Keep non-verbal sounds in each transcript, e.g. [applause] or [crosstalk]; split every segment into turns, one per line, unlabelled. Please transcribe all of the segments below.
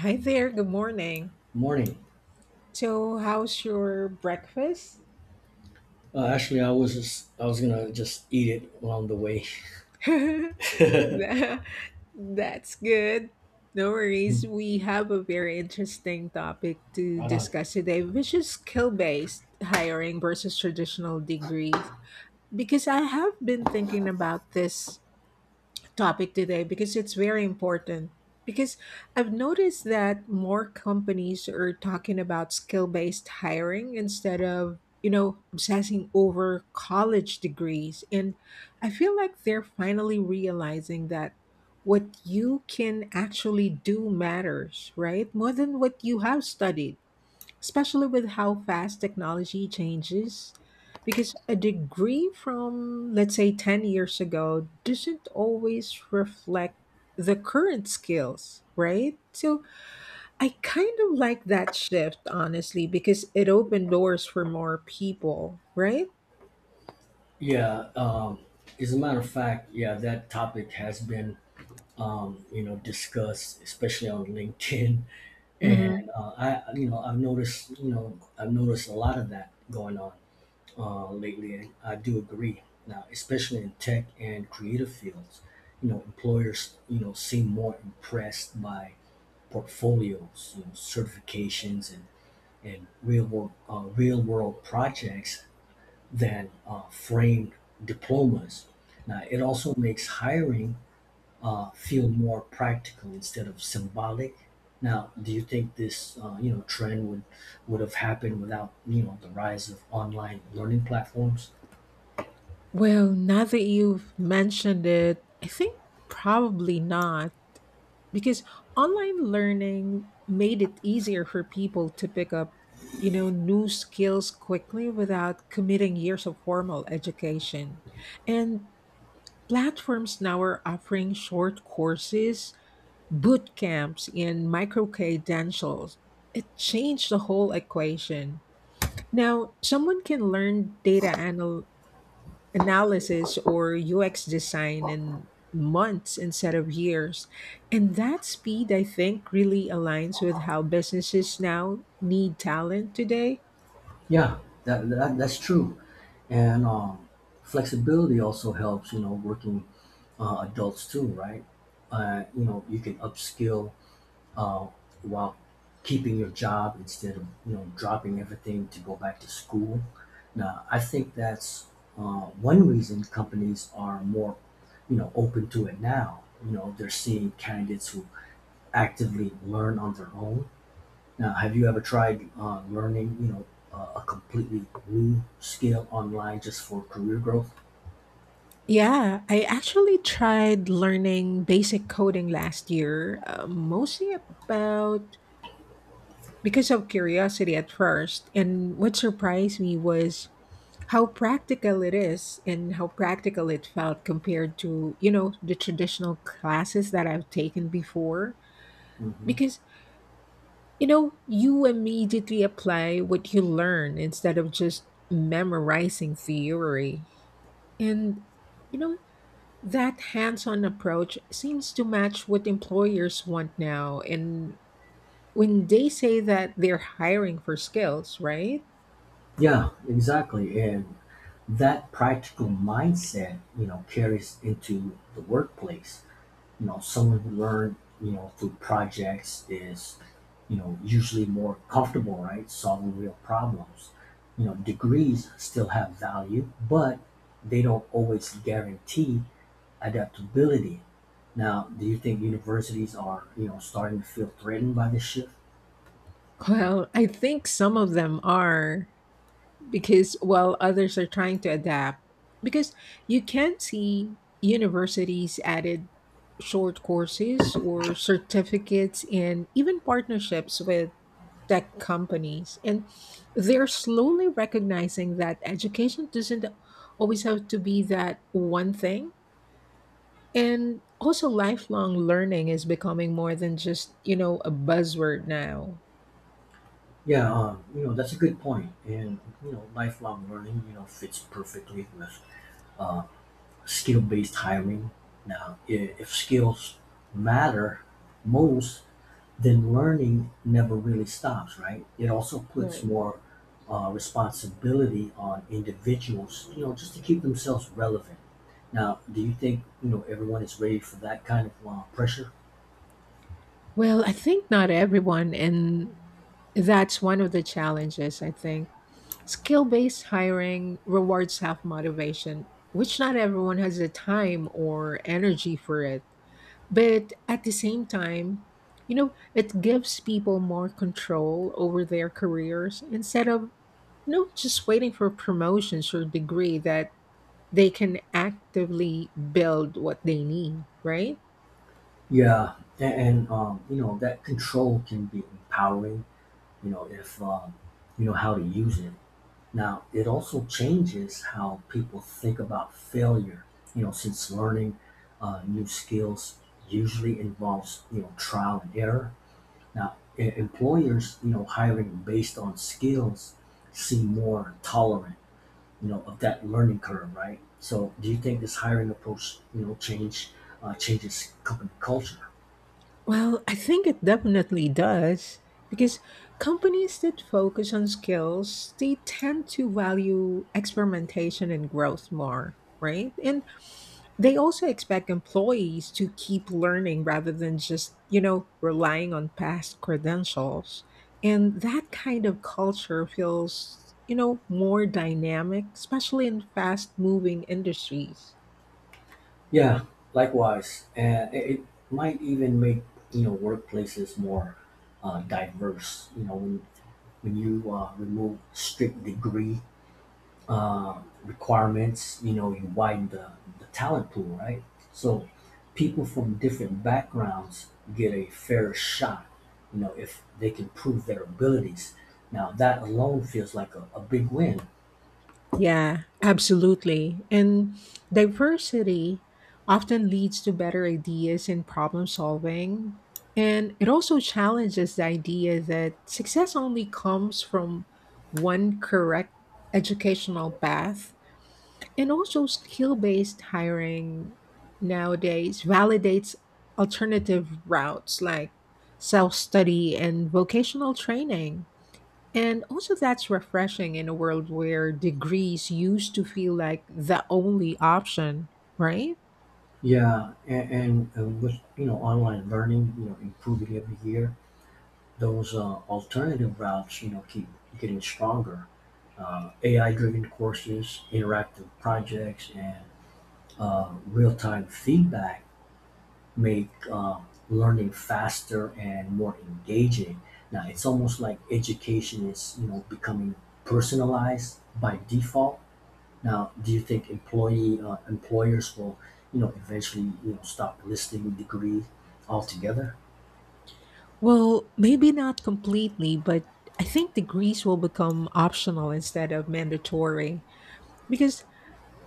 Hi there, good morning.
Morning.
So, how's your breakfast?
Actually, I was gonna just eat it along the way. [laughs]
[laughs] Tha- That's good. No worries. We have a very interesting topic to
Right on.
discuss today, which is skill based hiring versus traditional degrees. Because I have been thinking about this topic today because it's very important. Because I've noticed that more companies are talking about skill based hiring instead of, you know, obsessing over college degrees. And I feel like they're finally realizing that what you can actually do matters, right? More than what you have studied, especially with how fast technology changes. Because a degree from, let's say, 10 years ago doesn't always reflect the current skills, right? So I kind of like that shift, honestly, because it opened doors for more people, right?
Yeah. As a matter of fact, yeah, that topic has been discussed, especially on LinkedIn. [laughs] And
Hmm.
I you know I've noticed you know I've noticed a lot of that going on lately, and I do agree. Now, especially in tech and creative fields, employers seem more impressed by portfolios, certifications, and real world, projects than framed diplomas. Now, it also makes hiring feel more practical instead of symbolic. Now, do you think this trend would have happened without the rise of online learning platforms?
Well, now that you've mentioned it, I think probably not, because online learning made it easier for people to pick up, you know, new skills quickly without committing years of formal education. And platforms now are offering short courses, boot camps, and micro credentials. It changed the whole equation. Now someone can learn analysis or UX design in months instead of years. And that speed, I think, really aligns with how businesses now need talent today.
Yeah, that's true, and flexibility also helps. Working adults too, right? You can upskill uh, while keeping your job instead of dropping everything to go back to school. Now, I think that's one reason companies are more open to it now. They're seeing candidates who actively learn on their own. Now, have you ever tried learning a completely new skill online just for career growth?
Yeah, I actually tried learning basic coding last year, mostly about because of curiosity at first. And what surprised me was how practical it is and how practical it felt compared to, you know, the traditional classes that I've taken before.
Hmm.
Because, you know, you immediately apply what you learn instead of just memorizing theory. And, you know, that hands-on approach seems to match what employers want now, and when they say that they're hiring for skills, right?
Yeah, exactly, and that practical mindset carries into the workplace. Someone who the you know through projects is usually more comfortable, right, solving real problems. Degrees still have value, but they don't always guarantee adaptability. Now, do you think universities are starting to feel threatened by this shift?
Well, I think some of them are, because while others are trying to adapt, because you can see universities added short courses or certificates and even partnerships with tech companies. And they're slowly recognizing that education doesn't always have to be that one thing. And also lifelong learning is becoming more than just, you know, a buzzword now.
Yeah, that's a good point, and lifelong learning fits perfectly with uh, skill-based hiring. Now, if skills matter most, then learning never really stops, right? It also puts
Right.
more responsibility on individuals, just to keep themselves relevant. Now, do you think everyone is ready for that kind of pressure?
well, I think not everyone in That's one of the challenges, I think. Skill based hiring rewards self motivation, which not everyone has the time or energy for it. But at the same time, you know, it gives people more control over their careers instead of, you know, just waiting for promotions or degree that they can actively build what they need, right?
Yeah, and that control can be empowering. If you know how to use it. Now, it also changes how people think about failure, since learning new skills usually involves, trial and error. Now, employers, hiring based on skills, seem more tolerant, of that learning curve, right? So, do you think this hiring approach, changes company culture?
Well, I think it definitely does, because companies that focus on skills, they tend to value experimentation and growth more, right? And they also expect employees to keep learning rather than just, you know, relying on past credentials. And that kind of culture feels, you know, more dynamic, especially in fast-moving industries.
Yeah, likewise, and it might even make workplaces more diverse. When you remove strict degree requirements, you widen the talent pool, right? So people from different backgrounds get a fair shot, if they can prove their abilities. Now that alone feels like a big win.
Yeah, absolutely. And diversity often leads to better ideas and problem solving. And it also challenges the idea that success only comes from one correct educational path. And also, skill based hiring nowadays validates alternative routes like self study and vocational training. And also, that's refreshing in a world where degrees used to feel like the only option, right?
Yeah, and with online learning, improving every year, those alternative routes, keep getting stronger. AI-driven courses, interactive projects, and real-time feedback make learning faster and more engaging. Now, it's almost like education is, becoming personalized by default. Now, do you think employee employers will, eventually, stop listing degrees altogether?
Well, maybe not completely, but I think degrees will become optional instead of mandatory, because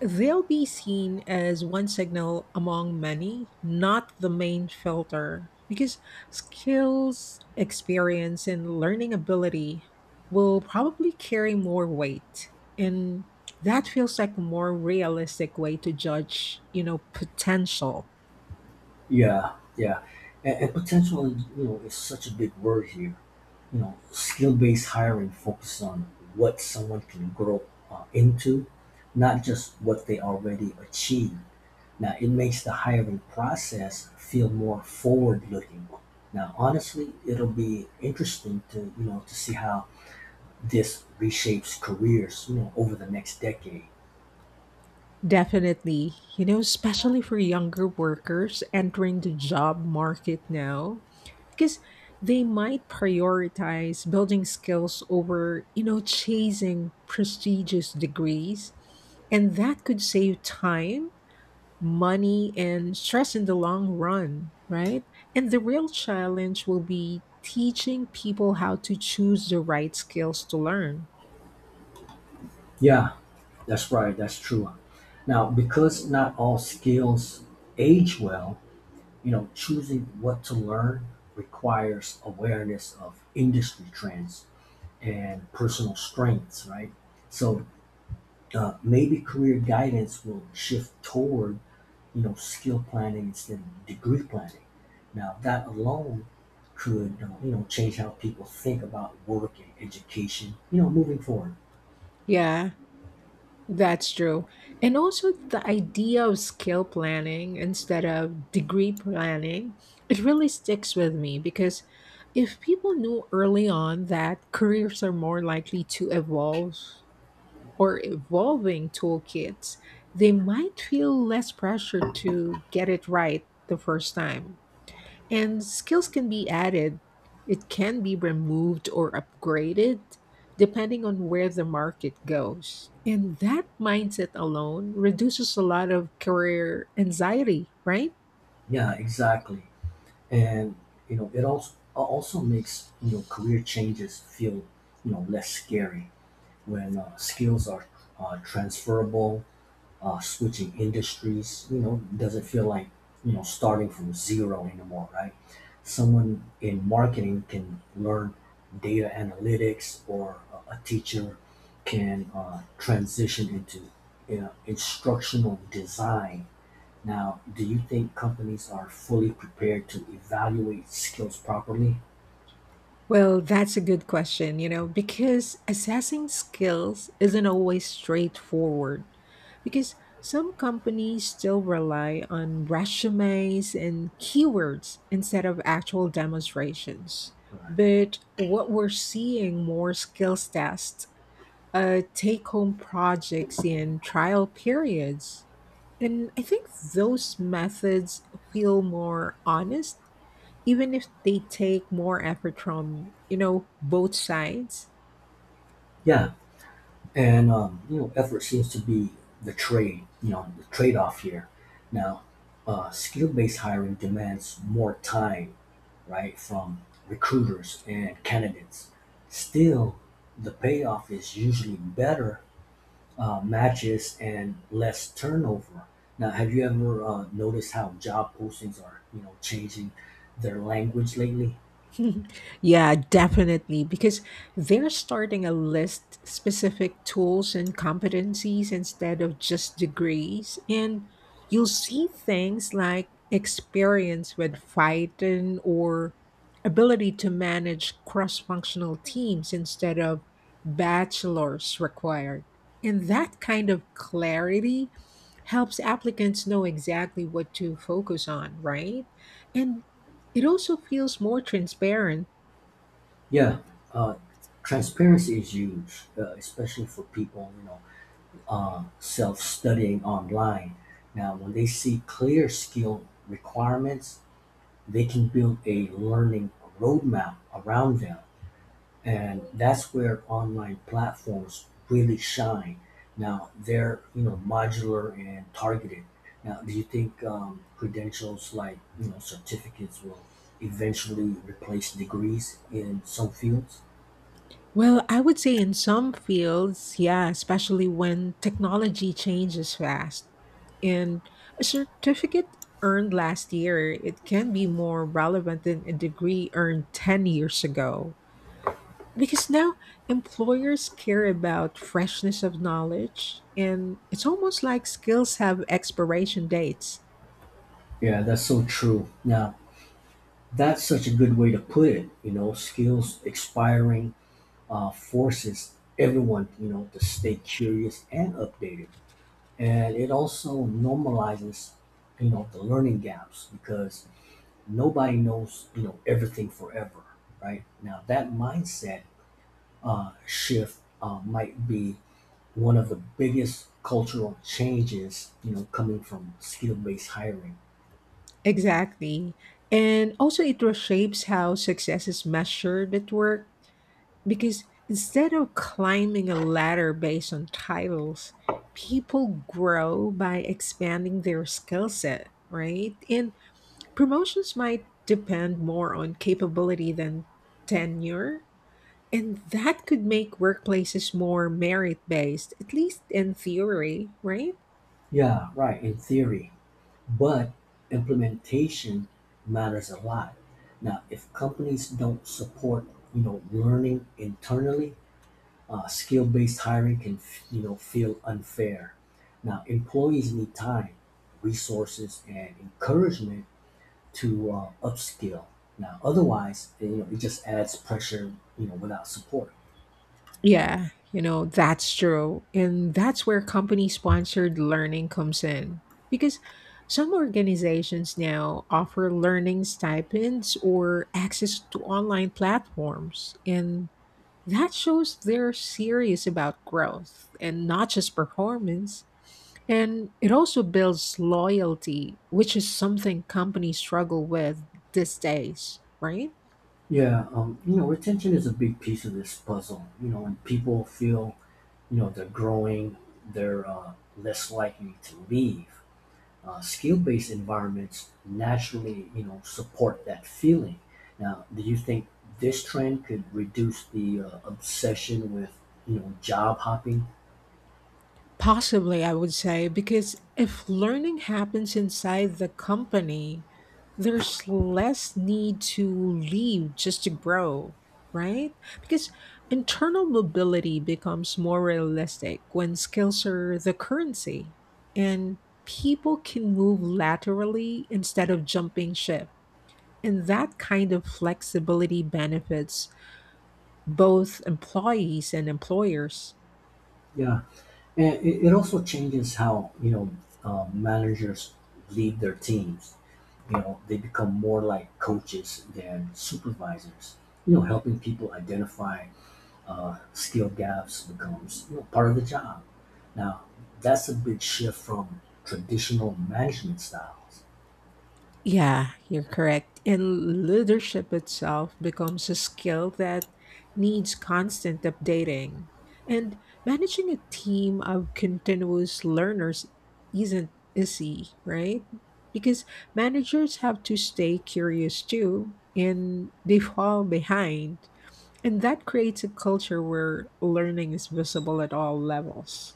they'll be seen as one signal among many, not the main filter, because skills, experience, and learning ability will probably carry more weight. And that feels like a more realistic way to judge, you know, potential.
Yeah, yeah. And potential, is such a big word here. Skill-based hiring focuses on what someone can grow into, not just what they already achieve. Now, it makes the hiring process feel more forward-looking. Now, honestly, it'll be interesting to see how this reshapes careers, over the next decade.
Definitely. You know, especially for younger workers entering the job market now, because they might prioritize building skills over, you know, chasing prestigious degrees. And that could save time, money, and stress in the long run, right? And the real challenge will be teaching people how to choose the right skills to learn.
Yeah, that's right. That's true. Now, because not all skills age well, choosing what to learn requires awareness of industry trends and personal strengths, right? So, maybe career guidance will shift toward, skill planning instead of degree planning. Now, that alone could, change how people think about work and education, moving forward.
Yeah, that's true. And also the idea of skill planning instead of degree planning, it really sticks with me because if people knew early on that careers are more likely to evolve or evolving toolkits, they might feel less pressure to get it right the first time. And skills can be added, it can be removed or upgraded depending on where the market goes. And that mindset alone reduces a lot of career anxiety, right?
Yeah, exactly. And, it also makes, career changes feel, less scary when skills are transferable. Switching industries, doesn't feel like, starting from zero anymore, right? Someone in marketing can learn data analytics, or a teacher can transition into, instructional design. Now, do you think companies are fully prepared to evaluate skills properly?
Well, that's a good question, you know, because assessing skills isn't always straightforward. Because some companies still rely on resumes and keywords instead of actual demonstrations.
Right.
But what we're seeing more skills tests, take home projects, and trial periods. And I think those methods feel more honest, even if they take more effort from, you know, both sides.
Yeah, and effort seems to be the trade-off here. Now, skill-based hiring demands more time, right, from recruiters and candidates. Still, the payoff is usually better matches and less turnover. Now, have you ever noticed how job postings are, changing their language lately?
Yeah, definitely. Because they're starting a list specific tools and competencies instead of just degrees. And you'll see things like experience with Python or ability to manage cross functional teams instead of bachelor's required. And that kind of clarity helps applicants know exactly what to focus on, right? And it also feels more transparent.
Yeah, uh, transparency is huge, especially for people, self-studying online. Now, when they see clear skill requirements, they can build a learning roadmap around them. And that's where online platforms really shine. Now, they're, modular and targeted. Now, do you think credentials, like, certificates, will eventually replace degrees in some fields?
Well, I would say in some fields, yeah, especially when technology changes fast. And a certificate earned last year, it can be more relevant than a degree earned 10 years ago. Because now employers care about freshness of knowledge, and it's almost like skills have expiration dates.
Yeah, that's so true. Now, that's such a good way to put it. Skills expiring forces everyone, to stay curious and updated. And it also normalizes, the learning gaps, because nobody knows, everything forever, right? Now, that mindset shift might be one of the biggest cultural changes, coming from skill based hiring.
Exactly. And also, it reshapes how success is measured at work. Because instead of climbing a ladder based on titles, people grow by expanding their skill set, right? And promotions might depend more on capability than tenure. And that could make workplaces more merit based, at least in theory, right?
Yeah, right, in theory. But implementation matters a lot. Now, if companies don't support, learning internally, skill-based hiring can, feel unfair. Now, employees need time, resources, and encouragement to upskill. Now, otherwise, it just adds pressure, without support.
Yeah, you know, that's true. And that's where company sponsored learning comes in. Because some organizations now offer learning stipends or access to online platforms. And that shows they're serious about growth and not just performance. And it also builds loyalty, which is something companies struggle with these days, right?
Yeah, retention is a big piece of this puzzle. When people feel they're growing, they're less likely to leave skill-based environments. Naturally, support that feeling. Now, do you think this trend could reduce the obsession with job hopping?
Possibly, I would say, because if learning happens inside the company, there's less need to leave just to grow, right? Because internal mobility becomes more realistic when skills are the currency, and people can move laterally instead of jumping ship. And that kind of flexibility benefits both employees and employers.
Yeah, and it also changes how managers lead their teams. They become more like coaches than supervisors, helping people identify skill gaps becomes, part of the job. Now, that's a big shift from traditional management styles.
Yeah, you're correct. And leadership itself becomes a skill that needs constant updating. And managing a team of continuous learners isn't easy, right? Because managers have to stay curious too, and [laughs] they fall behind. And that creates a culture where learning is visible at all levels.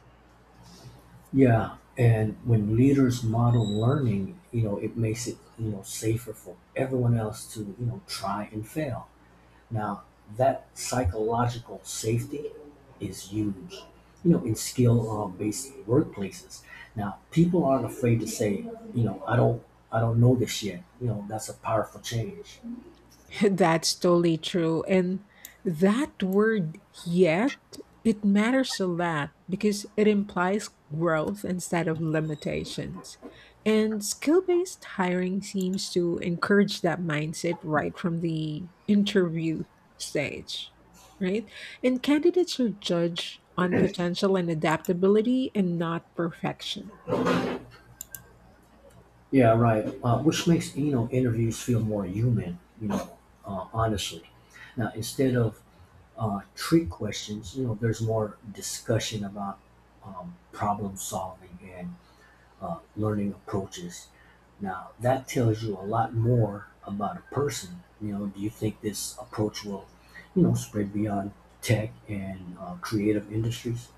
Yeah, and when leaders model learning, it makes it safer for everyone else to try and fail. Now, that psychological safety is huge, in skill-based workplaces. Now, people aren't afraid to say, I don't know this yet. That's a powerful change.
[laughs] That's totally true. And that word yet, it matters a lot because it implies growth instead of limitations. And skill based hiring seems to encourage that mindset right from the interview stage, right? And candidates are judged on potential and adaptability and not perfection.
Yeah, right, which makes interviews feel more human. Honestly. Now, instead of trick questions, there's more discussion about problem solving and learning approaches. Now, that tells you a lot more about a person. Do you think this approach will, spread beyond tech and creative industries?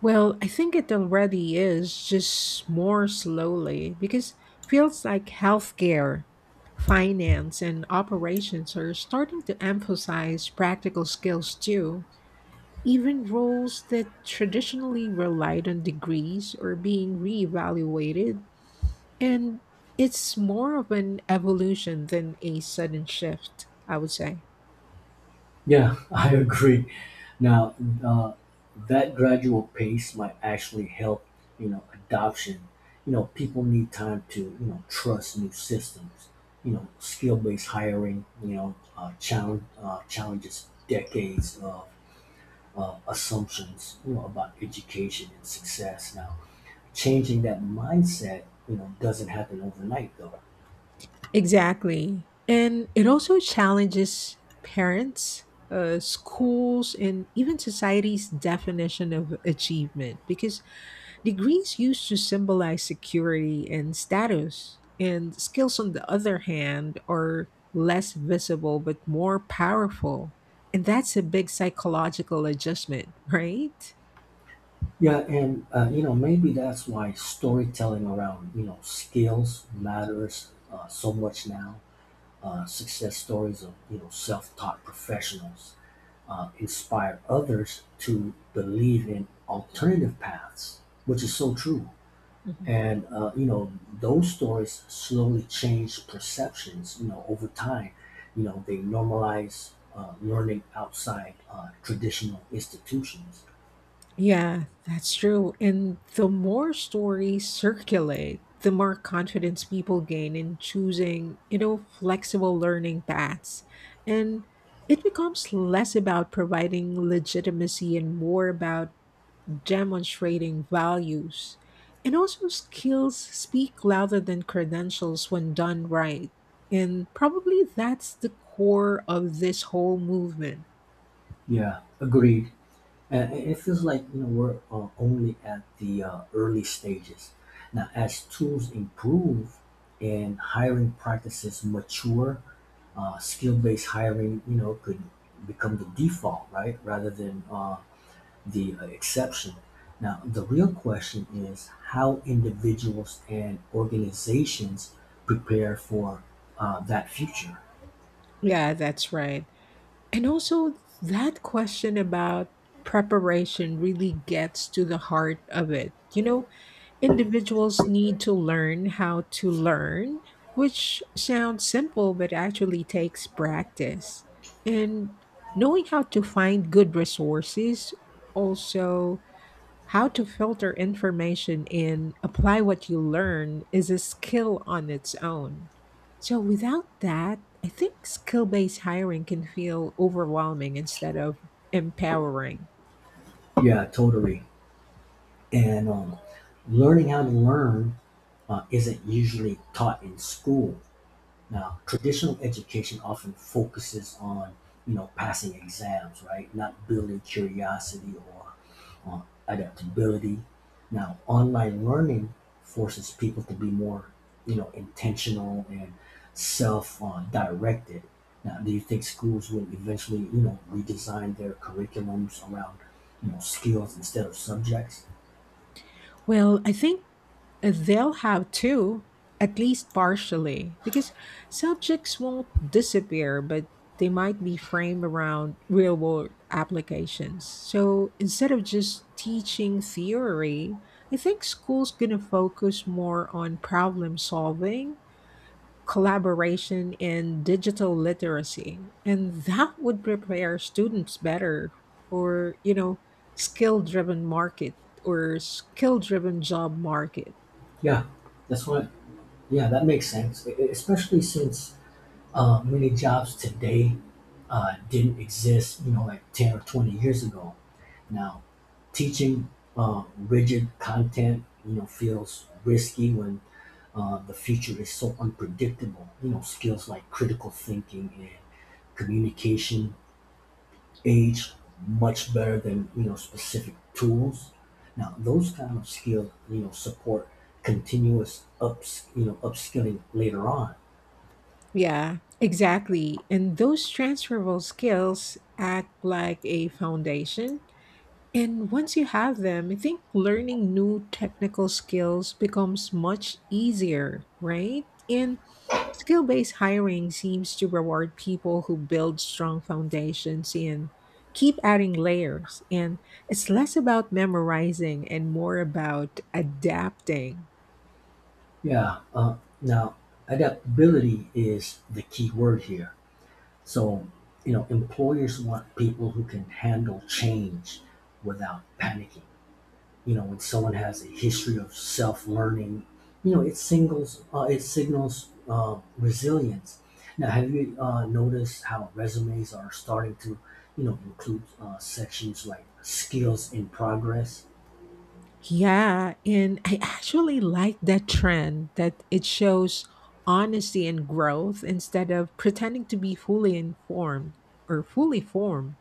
Well, I think it already is, just more slowly, because fields like healthcare, finance, and operations are starting to emphasize practical skills too. Even roles that traditionally relied on degrees are being reevaluated, and it's more of an evolution than a sudden shift, I would say.
Yeah, [laughs] I agree. Now, uh, that gradual pace might actually help, adoption. People need time to, trust new systems. Skill-based hiring, challenges decades of assumptions, about education and success. Now, changing that mindset, doesn't happen overnight, though.
Exactly. And it also challenges parents, schools, and even society's definition of achievement, because degrees used to symbolize security and status, and skills, on the other hand, are less visible but more powerful. And that's a big psychological adjustment, right?
Yeah, and maybe that's why storytelling around skills matters so much now. Success stories of self-taught professionals inspire others to believe in alternative paths, which is so true. And those stories slowly change perceptions. Over time, they normalize learning outside traditional institutions.
Yeah, that's true. And the more stories circulate, the more confidence people gain in choosing, you know, flexible learning paths. And it becomes less about providing legitimacy and more about demonstrating values. And also, skills speak louder than credentials when done right. And probably that's the core of this whole movement.
Yeah, agreed. And it feels like we're only at the early stages. Now, as tools improve and hiring practices mature, skill-based hiring could become the default, right, rather than the exception. Now, the real question is how individuals and organizations prepare for that future.
Yeah, that's right. And also, that question about preparation really gets to the heart of it. You know, individuals need to learn how to learn, which sounds simple, but actually takes practice. And knowing how to find good resources, also how to filter information and apply what you learn is a skill on its own. So, without that, I think skill based hiring can feel overwhelming instead of empowering.
Yeah, totally. And learning how to learn isn't usually taught in school. Now, traditional education often focuses on passing exams, right? Not building curiosity or uh, adaptability. Now, online learning forces people to be more intentional and self-directed. Now, do you think schools will eventually redesign their curriculums around skills instead of subjects?
Well, I think they'll have to, at least partially, because subjects won't disappear, but they might be framed around real world applications. So instead of just teaching theory, I think school's going to focus more on problem solving, collaboration, and digital literacy. And that would prepare students better for, you know, skill driven market or skill driven job market.
Yeah, that's what. Yeah, that makes sense, especially since many jobs today didn't exist, like 10 or 20 years ago. Now, teaching rigid content, feels risky when the future is so unpredictable. Skills like critical thinking and communication age much better than specific tools. Now, those kind of skill support continuous upskilling later on.
Yeah, exactly. And those transferable skills act like a foundation. And once you have them, I think learning new technical skills becomes much easier, right? And skill based hiring seems to reward people who build strong foundations and keep adding layers. And it's less about memorizing and more about adapting.
Yeah. Now, adaptability is the key word here. So, employers want people who can handle change without panicking. When someone has a history of self-learning, it signals resilience. Now, have you noticed how resumes are starting to, include sections like skills in progress?
Yeah, and I actually like that trend that it shows honesty and growth instead of pretending to be fully informed or fully formed.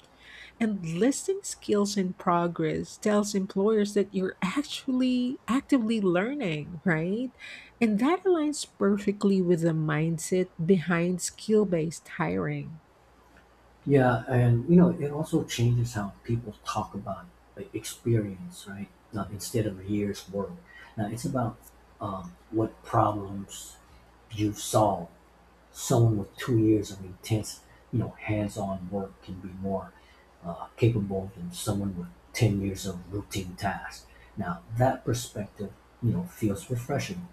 And listing skills in progress tells employers that you're actually actively learning, right? And that aligns perfectly with the mindset behind skill based hiring.
Yeah, and it also changes how people talk about, like, experience, right? Now, instead of years work, now it's about what problems you solved. Someone with 2 years of intense, hands-on work can be more capable than someone with 10 years of routine tasks. Now, that perspective, feels refreshing.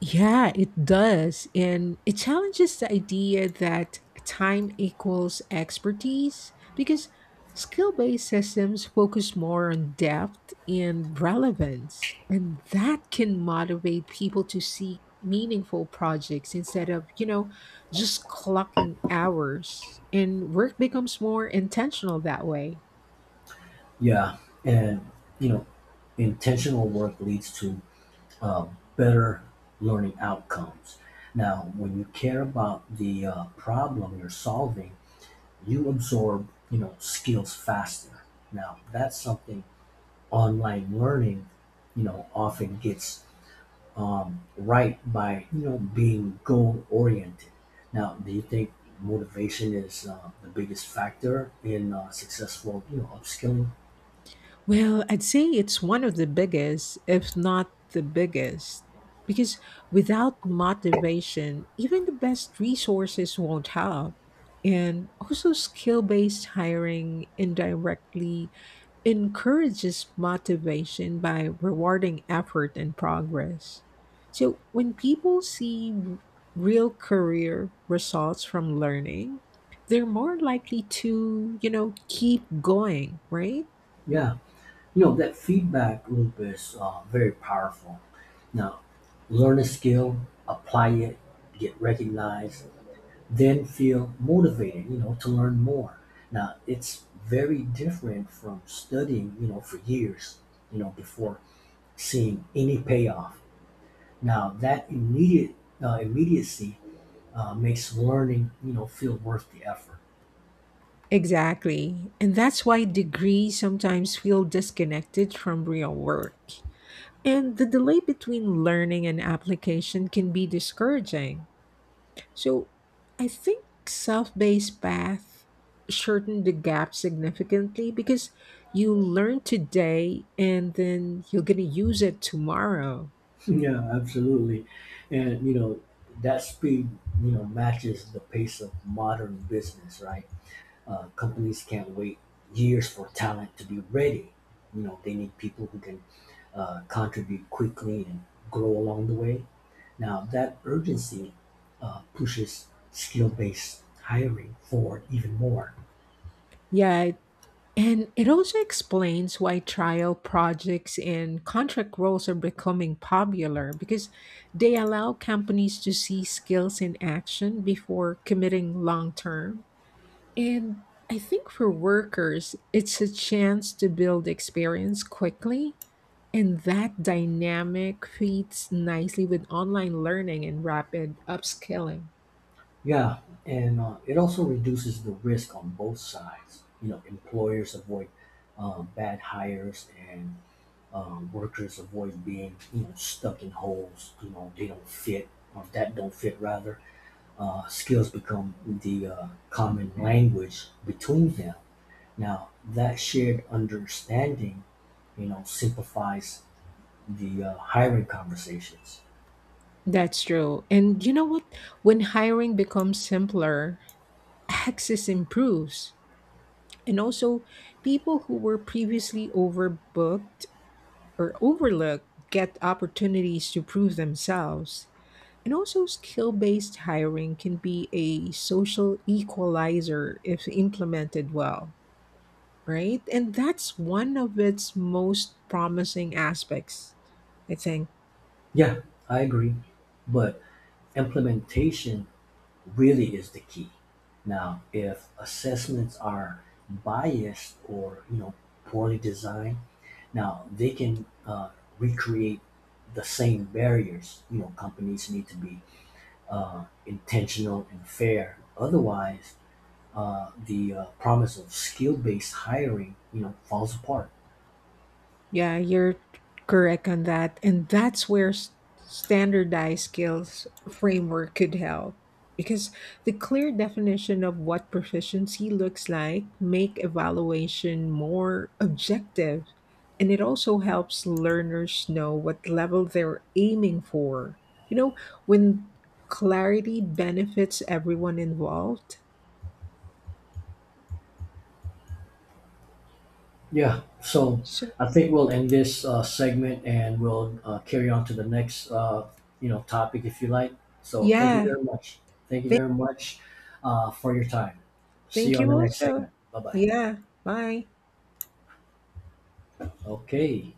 Yeah, it does. And it challenges the idea that time equals expertise because skill based systems focus more on depth and relevance. And that can motivate people to seek meaningful projects instead of, you know, just clocking hours. And work becomes more intentional that way.
Yeah, and, you know, intentional work leads to uh, better learning outcomes. Now, when you care about the problem you're solving, you absorb, skills faster. Now, that's something online learning, often gets right by being goal oriented. Now, do you think motivation is the biggest factor in successful upskilling?
Well, I'd say it's one of the biggest, if not the biggest, because without motivation, even the best resources won't help. And also, skill based hiring indirectly encourages motivation by rewarding effort and progress. So, when people see real career results from learning, they're more likely to, you know, keep going, right?
Yeah, that feedback loop is very powerful. Now, learn a skill, apply it, get recognized, then feel motivated, to learn more. Now, it's very different from studying, for years, before seeing any payoff. Now, that immediate immediacy makes learning, feel worth the effort.
Exactly. And that's why degrees sometimes feel disconnected from real work. And the delay between learning and application can be discouraging. So I think self based path shortened the gap significantly because you learn today and then you're going to use it tomorrow.
[laughs] Yeah, absolutely, and that speed, matches the pace of modern business. Right, companies can't wait years for talent to be ready. They need people who can contribute quickly and grow along the way. Now, that urgency pushes skill-based hiring forward even more.
Yeah, and it also explains why trial projects and contract roles are becoming popular because they allow companies to see skills in action before committing long term. And I think for workers, it's a chance to build experience quickly. And that dynamic fits nicely with online learning and rapid upskilling.
Yeah, and it also reduces the risk on both sides. Employers avoid bad hires, and workers avoid being stuck in holes. They don't fit, or that don't fit, rather. Skills become the common language between them. Now, that shared understanding, simplifies the hiring conversations.
That's true. And you know what? When hiring becomes simpler, access improves. And also, people who were previously overbooked or overlooked get opportunities to prove themselves. And also, skill based hiring can be a social equalizer if implemented well, right? And that's one of its most promising aspects, I think.
Yeah, I agree, but implementation really is the key. Now, if assessments are biased or poorly designed, now they can recreate the same barriers. Companies need to be intentional and fair. Otherwise, the promise of skill-based hiring, falls apart.
Yeah, you're correct on that. And that's where standardized skills framework could help, because the clear definition of what proficiency looks like make evaluation more objective, and it also helps learners know what level they're aiming for. You know, when clarity benefits everyone involved.
Yeah, so
So,
I think we'll end this segment, and we'll carry on to the next, topic if you like. So thank you
yeah.
very much. Thank you
Thank
very much for your time. See
Thank
you on
you
the next
also.
segment. Bye bye.
Yeah. Bye.
Okay.